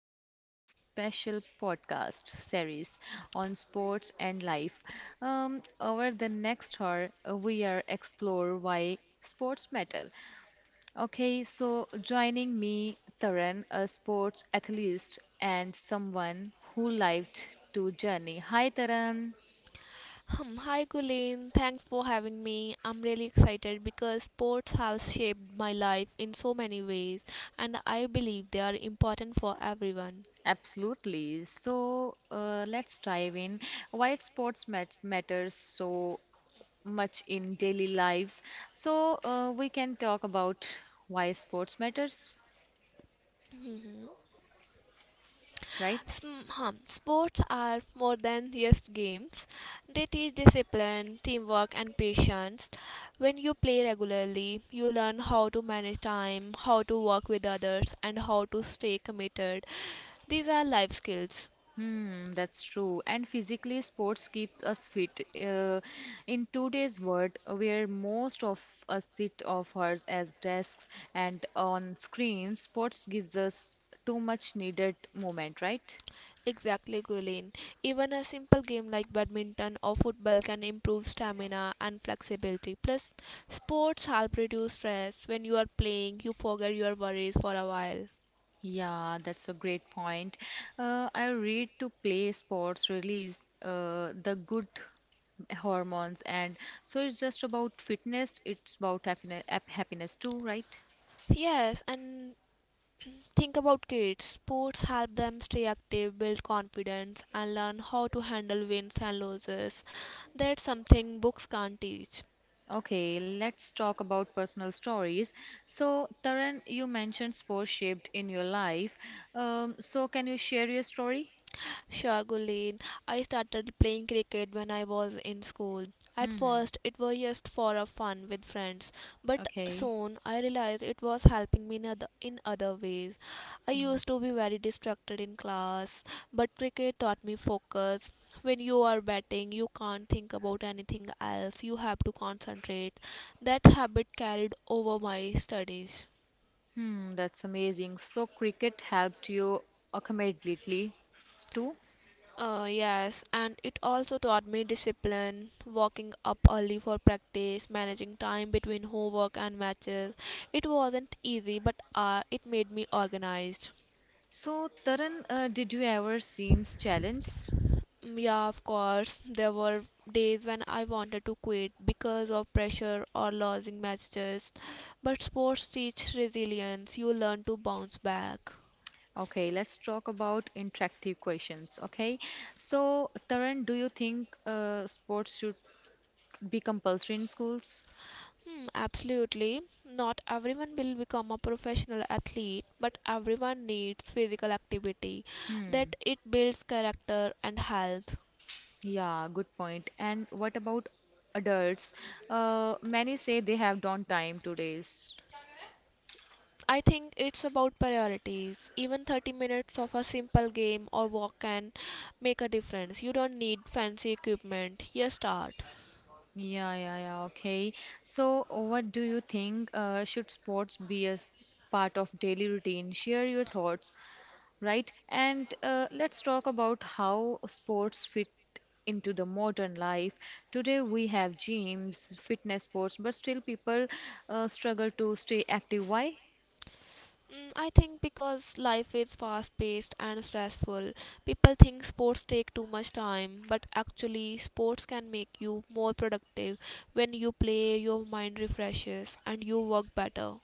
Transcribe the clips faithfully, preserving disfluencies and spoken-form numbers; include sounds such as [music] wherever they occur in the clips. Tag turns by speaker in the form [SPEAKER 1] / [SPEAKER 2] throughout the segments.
[SPEAKER 1] our special podcast series on sports and life. Um, over the next hour, uh, we are explore why sports matter. Okay, so joining me, Taran, a sports athlete and someone who liked to journey. Hi, Taran.
[SPEAKER 2] Hmm, Hi Colleen, thanks for having me. I'm really excited because sports have shaped my life in so many ways and I believe they are important for everyone.
[SPEAKER 1] Absolutely. So uh, let's dive in. Why sports mat matters so much in daily lives. So uh, we can talk about why sports matters,
[SPEAKER 2] Mhm.
[SPEAKER 1] right?
[SPEAKER 2] Sm- hum, Sports are more than just games. They teach discipline, teamwork, and patience. When you play regularly, you learn how to manage time, how to work with others, and how to stay committed. These are life skills.
[SPEAKER 1] Hmm, that's true. And physically, sports keep us fit. Uh, in today's world, where most of us sit off ours as desks and on screens, sports gives us too much needed movement, right?
[SPEAKER 2] Exactly, Gulen. Even a simple game like badminton or football can improve stamina and flexibility. Plus, sports help reduce stress. When you are playing, you forget your worries for a while.
[SPEAKER 1] Yeah, that's a great point. Uh, I read to play sports release uh, the good hormones and so it's just about fitness, it's about happiness happiness too, right?
[SPEAKER 2] Yes, and think about kids. Sports help them stay active, build confidence, and learn how to handle wins and losses. That's something books can't teach.
[SPEAKER 1] Okay, let's talk about personal stories. So Taran, you mentioned sports shaped in your life. Um, so can you share your story?
[SPEAKER 2] Sure, Gulen. I started playing cricket when I was in school. At
[SPEAKER 1] Hmm.
[SPEAKER 2] first, it was just for a fun with friends, but
[SPEAKER 1] Okay.
[SPEAKER 2] soon I realized it was helping me in other, in other ways. I
[SPEAKER 1] Hmm.
[SPEAKER 2] used to be very distracted in class, but cricket taught me focus. When you are batting, you can't think about anything else. You have to concentrate. That habit carried over my studies.
[SPEAKER 1] Hmm, that's amazing. So cricket helped you accommodately too.
[SPEAKER 2] Uh, yes, and it also taught me discipline, waking up early for practice, managing time between homework and matches. It wasn't easy, but uh, it made me organized.
[SPEAKER 1] So Taran, uh, did you ever seen challenge?
[SPEAKER 2] Mm, Yeah, of course, there were days when I wanted to quit because of pressure or losing matches, but sports teach resilience. You learn to bounce back.
[SPEAKER 1] Okay, let's talk about interactive questions. Okay, so Taran, do you think uh, sports should be compulsory in schools?
[SPEAKER 2] Hmm, absolutely. Not everyone will become a professional athlete, but everyone needs physical activity, that
[SPEAKER 1] Hmm,
[SPEAKER 2] it builds character and health.
[SPEAKER 1] yeah, good point. And what about adults? Uh, many say they have don't time today's.
[SPEAKER 2] I think it's about priorities. Even thirty minutes of a simple game or walk can make a difference. You don't need fancy equipment. You start.
[SPEAKER 1] Yeah, yeah, yeah, okay. So, what do you think? Uh, should sports be a part of daily routine? Share your thoughts, right? And uh, let's talk about how sports fit into the modern life. Today we have gyms, fitness sports, but still people uh, struggle to stay active. Why?
[SPEAKER 2] Mm, I think because life is fast paced and stressful, people think sports take too much time, but actually, sports can make you more productive. When you play, your mind refreshes and you work better.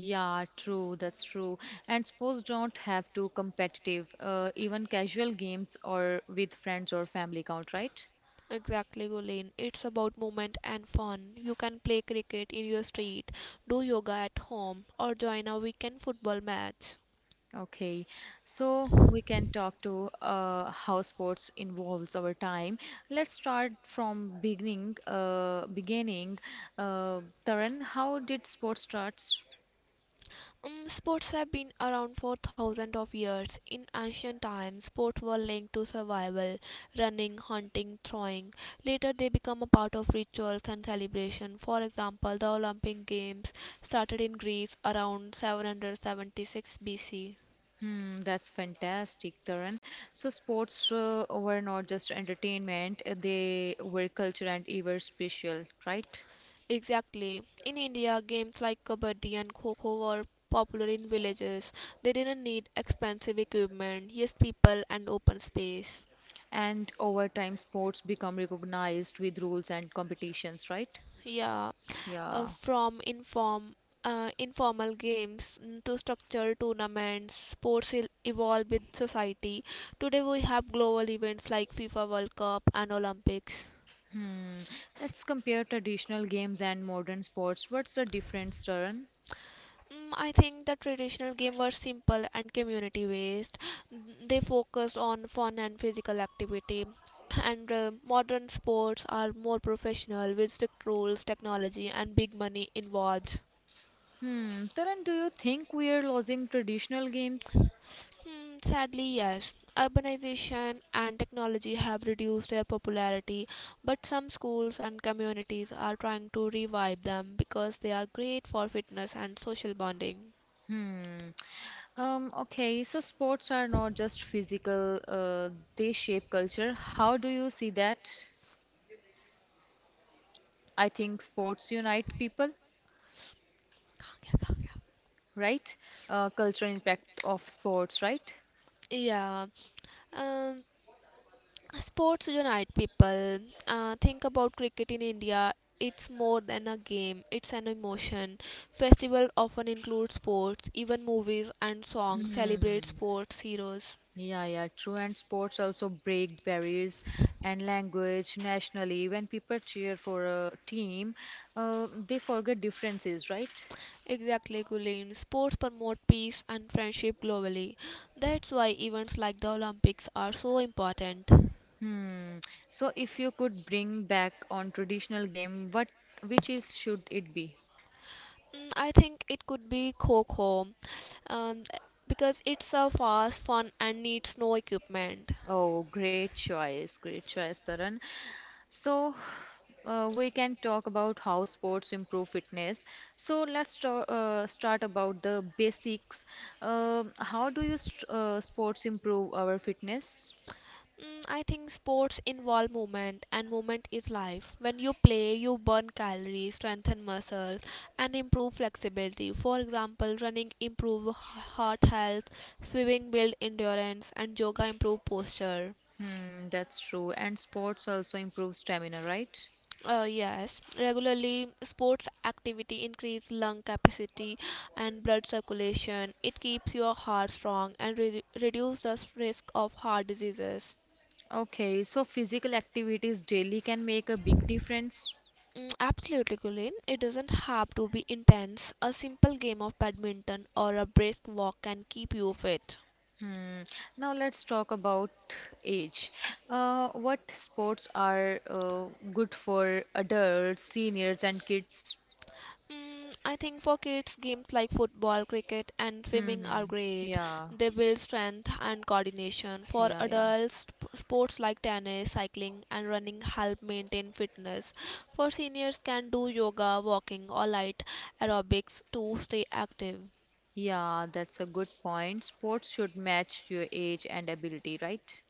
[SPEAKER 1] Yeah, true, that's true. And sports don't have to competitive, uh, even casual games or with friends or family count, right?
[SPEAKER 2] Exactly, Gulen. It's about movement and fun. You can play cricket in your street, do yoga at home, or join a weekend football match.
[SPEAKER 1] Okay, so we can talk to uh, how sports involves over time. Let's start from beginning. Uh, beginning, uh, Taran, how did sports starts?
[SPEAKER 2] Mm, sports have been around for thousands of years. In ancient times, sports were linked to survival, running, hunting, throwing. Later, they become a part of rituals and celebration. For example, the Olympic Games started in Greece around seven hundred seventy-six B C.
[SPEAKER 1] Hmm, that's fantastic, Taran. So sports uh, were not just entertainment; uh, they were culture and even special, right?
[SPEAKER 2] Exactly. In India, games like kabaddi and kho-kho were popular in villages. They didn't need expensive equipment, just people and open space.
[SPEAKER 1] And over time, sports become recognized with rules and competitions, right?
[SPEAKER 2] Yeah, uh,
[SPEAKER 1] Yeah.
[SPEAKER 2] from inform uh, informal games mm, to structured tournaments sports il- evolve with society. Today we have global events like FIFA World Cup and Olympics.
[SPEAKER 1] Hmm. Let's compare traditional games and modern sports. What's the difference, Taran?
[SPEAKER 2] Mm, I think the traditional game were simple and community based. They focused on fun and physical activity, [clears throat] and uh, modern sports are more professional with strict rules, technology, and big money involved.
[SPEAKER 1] Hmm. Taran, do you think we are losing traditional games?
[SPEAKER 2] Hmm, sadly, yes. Urbanization and technology have reduced their popularity, but some schools and communities are trying to revive them because they are great for fitness and social bonding.
[SPEAKER 1] Hmm. Um, okay, so sports are not just physical, uh, they shape culture. How do you see that? I think sports unite people, right? Uh, cultural impact of sports, right?
[SPEAKER 2] Yeah. Um, Sports unite people. Uh, think about cricket in India. It's more than a game, it's an emotion. Festival often include sports, even movies and songs
[SPEAKER 1] Hmm.
[SPEAKER 2] celebrate sports heroes.
[SPEAKER 1] Yeah, yeah, true. And sports also break barriers and language nationally. When people cheer for a team, uh, they forget differences, right?
[SPEAKER 2] Exactly, Gulen. Sports promote peace and friendship globally. That's why events like the Olympics are so important.
[SPEAKER 1] Hmm. So if you could bring back on traditional game, what which is should it be?
[SPEAKER 2] Mm, I think it could be Kho Kho um, because it's a fast, fun, and needs no equipment.
[SPEAKER 1] Oh, great choice, great choice, Taran. So, uh, we can talk about how sports improve fitness. So, let's ta- uh, start about the basics. Um how do you st uh, sports improve our fitness?
[SPEAKER 2] Mm, I think sports involve movement, and movement is life. When you play, you burn calories, strengthen muscles, and improve flexibility. For example, running improve h- heart health, swimming build endurance, and yoga improve posture.
[SPEAKER 1] Hmm, that's true. And sports also improve stamina, right?
[SPEAKER 2] Uh, yes, regularly sports activity increase lung capacity and blood circulation. It keeps your heart strong and re- reduces risk of heart diseases.
[SPEAKER 1] Okay, so physical activities daily can make a big difference.
[SPEAKER 2] Mm, Absolutely, Colin. It doesn't have to be intense. A simple game of badminton or a brisk walk can keep you fit.
[SPEAKER 1] Hmm. Now let's talk about age. Uh, what sports are uh, good for adults, seniors, and kids?
[SPEAKER 2] Mm, I think for kids, games like football, cricket, and swimming
[SPEAKER 1] Hmm.
[SPEAKER 2] are great.
[SPEAKER 1] Yeah,
[SPEAKER 2] They build strength and coordination. For
[SPEAKER 1] yeah, yeah.
[SPEAKER 2] adults, sp- sports like tennis, cycling, and running help maintain fitness. For seniors, can do yoga, walking, or light aerobics to stay active.
[SPEAKER 1] Yeah, that's a good point. Sports should match your age and ability, right?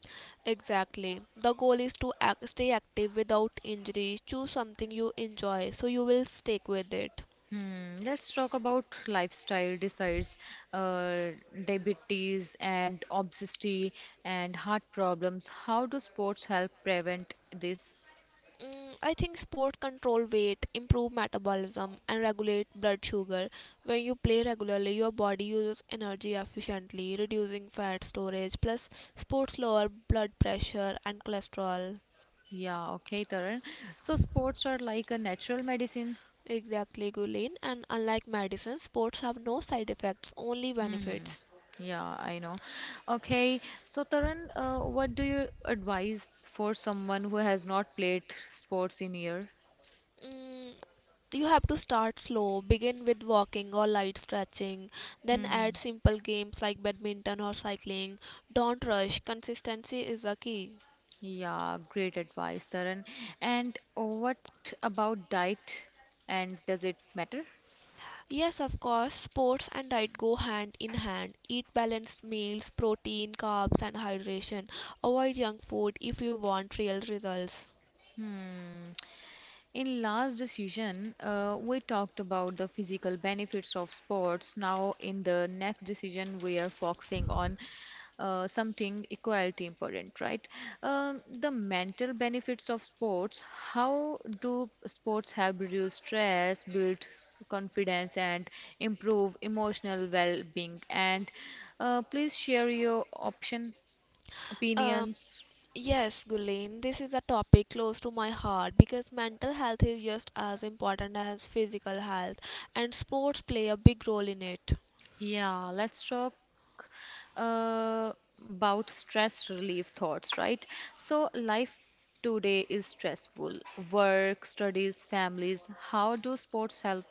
[SPEAKER 2] Exactly. The goal is to ac- stay active without injury. Choose something you enjoy so you will stick with it.
[SPEAKER 1] Hmm. Let's talk about lifestyle desires, uh, diabetes and obesity and heart problems. How do sports help prevent this?
[SPEAKER 2] Mm, I think sport control weight, improve metabolism, and regulate blood sugar. When you play regularly, your body uses energy efficiently, reducing fat storage. Plus, sports lower blood pressure and cholesterol.
[SPEAKER 1] Yeah, okay, Taran. So sports are like a natural medicine.
[SPEAKER 2] Exactly, Gulin. And unlike medicine, sports have no side effects, only
[SPEAKER 1] Hmm.
[SPEAKER 2] benefits.
[SPEAKER 1] Yeah, I know. Okay, so Tarun, uh, what do you advise for someone who has not played sports in year?
[SPEAKER 2] Mm, you have to start slow. Begin with walking or light stretching, then add
[SPEAKER 1] Hmm.
[SPEAKER 2] simple games like badminton or cycling. Don't rush, consistency is the key.
[SPEAKER 1] Yeah, great advice, Tarun. And what about diet? And does it matter?
[SPEAKER 2] Yes, of course, sports and diet go hand in hand. Eat balanced meals, protein, carbs, and hydration. Avoid junk food if you want real results.
[SPEAKER 1] Hmm. In last decision, uh, we talked about the physical benefits of sports. Now, in the next decision, we are focusing on uh, something equality important, right? Um, the mental benefits of sports. How do sports help reduce stress, build confidence, and improve emotional well-being? And uh, please share your option
[SPEAKER 2] Um,
[SPEAKER 1] opinions.
[SPEAKER 2] yes, Gulen, this is a topic close to my heart because mental health is just as important as physical health, and sports play a big role in it.
[SPEAKER 1] Yeah, let's talk uh, about stress relief thoughts, right? So, life today is stressful. Work, studies, families. How do sports help?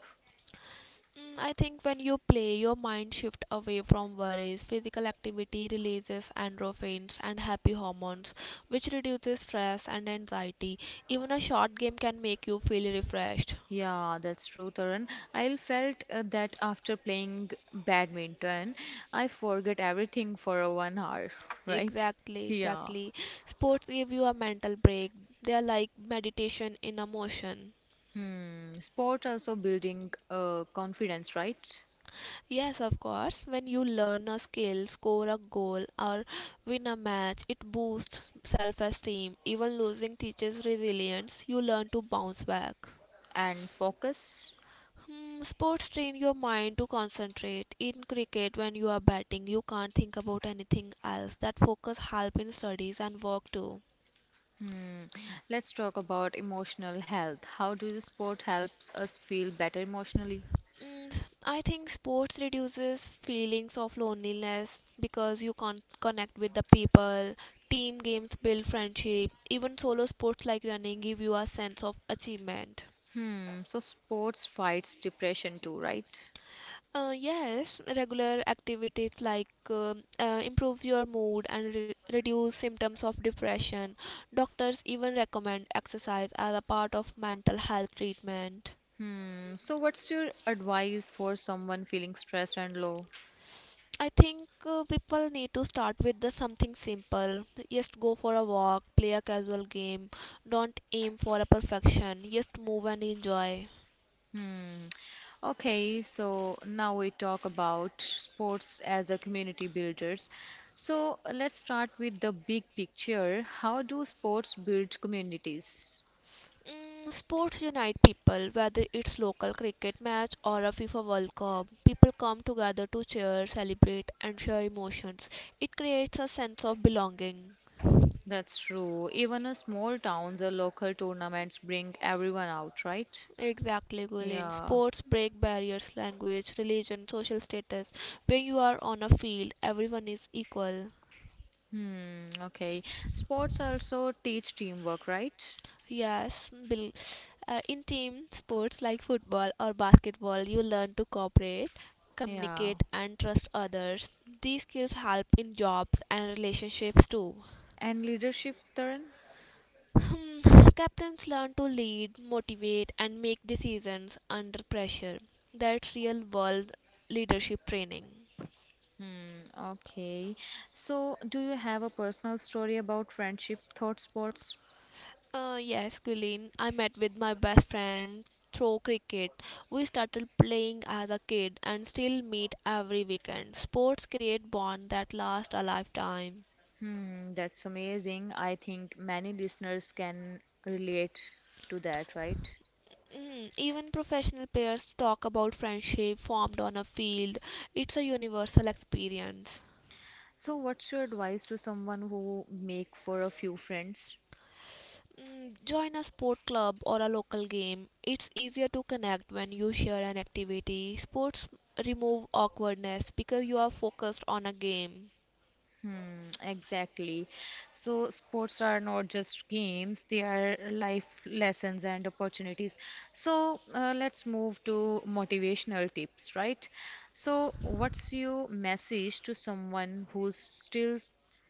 [SPEAKER 2] Mm, I think when you play, your mind shifts away from worries. Physical activity releases endorphins and happy hormones, which reduces stress and anxiety. Even a short game can make you feel refreshed.
[SPEAKER 1] Yeah, that's true, Tarun. I felt uh, that after playing badminton, I forget everything for a one hour, [laughs] right?
[SPEAKER 2] Exactly,
[SPEAKER 1] Yeah.
[SPEAKER 2] exactly. Sports give you a mental break. They are like meditation in a motion.
[SPEAKER 1] Hmm. Sport also building uh, confidence, right?
[SPEAKER 2] Yes, of course. When you learn a skill, score a goal, or win a match, it boosts self esteem. Even losing teaches resilience. You learn to bounce back.
[SPEAKER 1] And focus.
[SPEAKER 2] Hmm, sports train your mind to concentrate. In cricket, when you are batting, you can't think about anything else. That focus help in studies and work too.
[SPEAKER 1] Hmm. Let's talk about emotional health. How do the sport helps us feel better emotionally?
[SPEAKER 2] Mm, I think sports reduces feelings of loneliness because you can connect with the people. Team games build friendship. Even solo sports like running give you a sense of achievement.
[SPEAKER 1] Hmm. So sports fights depression too, right?
[SPEAKER 2] Uh, yes, regular activities like um uh, improve your mood and re reduce symptoms of depression. Doctors even recommend exercise as a part of mental health treatment.
[SPEAKER 1] Hmm. So what's your advice for someone feeling stressed and low?
[SPEAKER 2] I think uh, people need to start with the something simple. Just go for a walk, play a casual game. Don't aim for a perfection. Just move and enjoy.
[SPEAKER 1] Hmm. Okay, so now we talk about sports as a community builders. So let's start with the big picture. How do sports build communities?
[SPEAKER 2] Mm, sports unite people, whether it's local cricket match or a FIFA World Cup. People come together to cheer, celebrate, and share emotions. It creates a sense of belonging.
[SPEAKER 1] That's true. Even a small towns or local tournaments bring everyone out, right?
[SPEAKER 2] Exactly, Gulin.
[SPEAKER 1] Yeah.
[SPEAKER 2] Sports break barriers, language, religion, social status. When you are on a field, everyone is equal.
[SPEAKER 1] Hmm. Okay. Sports also teach teamwork, right?
[SPEAKER 2] Yes, Bill. Uh, in team sports like football or basketball, you learn to cooperate,
[SPEAKER 1] Yeah.
[SPEAKER 2] communicate, and trust others. These skills help in jobs and relationships too.
[SPEAKER 1] And leadership, Taran?
[SPEAKER 2] Hmm, Captains learn to lead, motivate, and make decisions under pressure. That's real world leadership training.
[SPEAKER 1] Hmm. Okay. So, do you have a personal story about friendship thought sports?
[SPEAKER 2] Uh, yes, Guilin. I met with my best friend through cricket. We started playing as a kid and still meet every weekend. Sports create bonds that last a lifetime.
[SPEAKER 1] Hmm. That's amazing. I think many listeners can relate to that, right?
[SPEAKER 2] Mm, even professional players talk about friendship formed on a field. It's a universal experience.
[SPEAKER 1] So, what's your advice to someone who make for a few friends?
[SPEAKER 2] Mm, join a sport club or a local game. It's easier to connect when you share an activity. Sports remove awkwardness because you are focused on a game.
[SPEAKER 1] Hmm, exactly. So, sports are not just games, they are life lessons and opportunities. So, uh, let's move to motivational tips, right? So, what's your message to someone who's still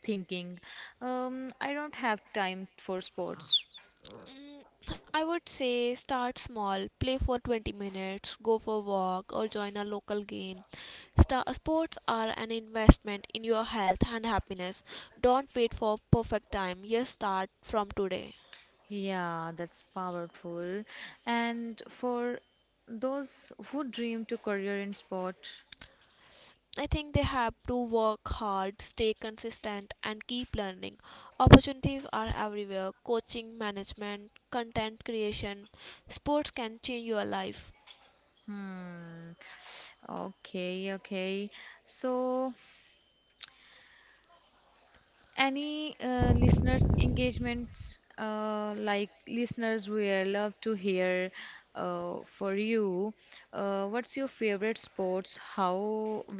[SPEAKER 1] thinking, um, I don't have time for sports?
[SPEAKER 2] Mm, I would say start small, play for twenty minutes, go for a walk, or join a local game. Star- sports are an investment in your health and happiness. Don't wait for perfect time. Just start from today.
[SPEAKER 1] Yeah, that's powerful. And for those who dream to career in sport,
[SPEAKER 2] I think they have to work hard, stay consistent, and keep learning. Opportunities are everywhere coaching, management, content creation. Sports can change your life.
[SPEAKER 1] hmm. Okay, okay. So, any uh, listener engagements, uh, like listeners will love to hear uh, for you. Uh, what's your favorite sports? How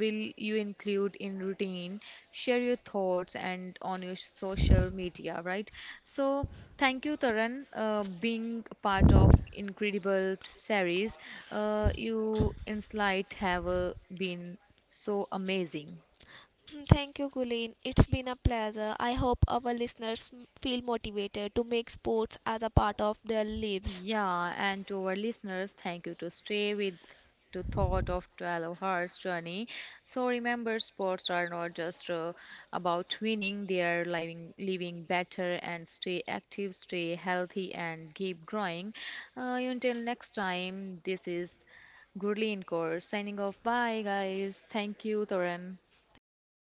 [SPEAKER 1] will you include in routine? Share your thoughts and on your social media, right? So thank you, Taran, uh, being a part of incredible series. Uh, you insight have uh, been so amazing.
[SPEAKER 2] [clears throat] Thank you, Guleen. It's been a pleasure. I hope our listeners feel motivated to make sports as a part of their lives.
[SPEAKER 1] Yeah, and to our listeners, thank you to stay with to thought of twelve hours journey. So remember, sports are not just uh, about winning; they are living, living better and stay active, stay healthy, and keep growing. Uh, until next time, this is Gurleen Kaur signing off. Bye, guys. Thank you, Toran.
[SPEAKER 2] Thank you.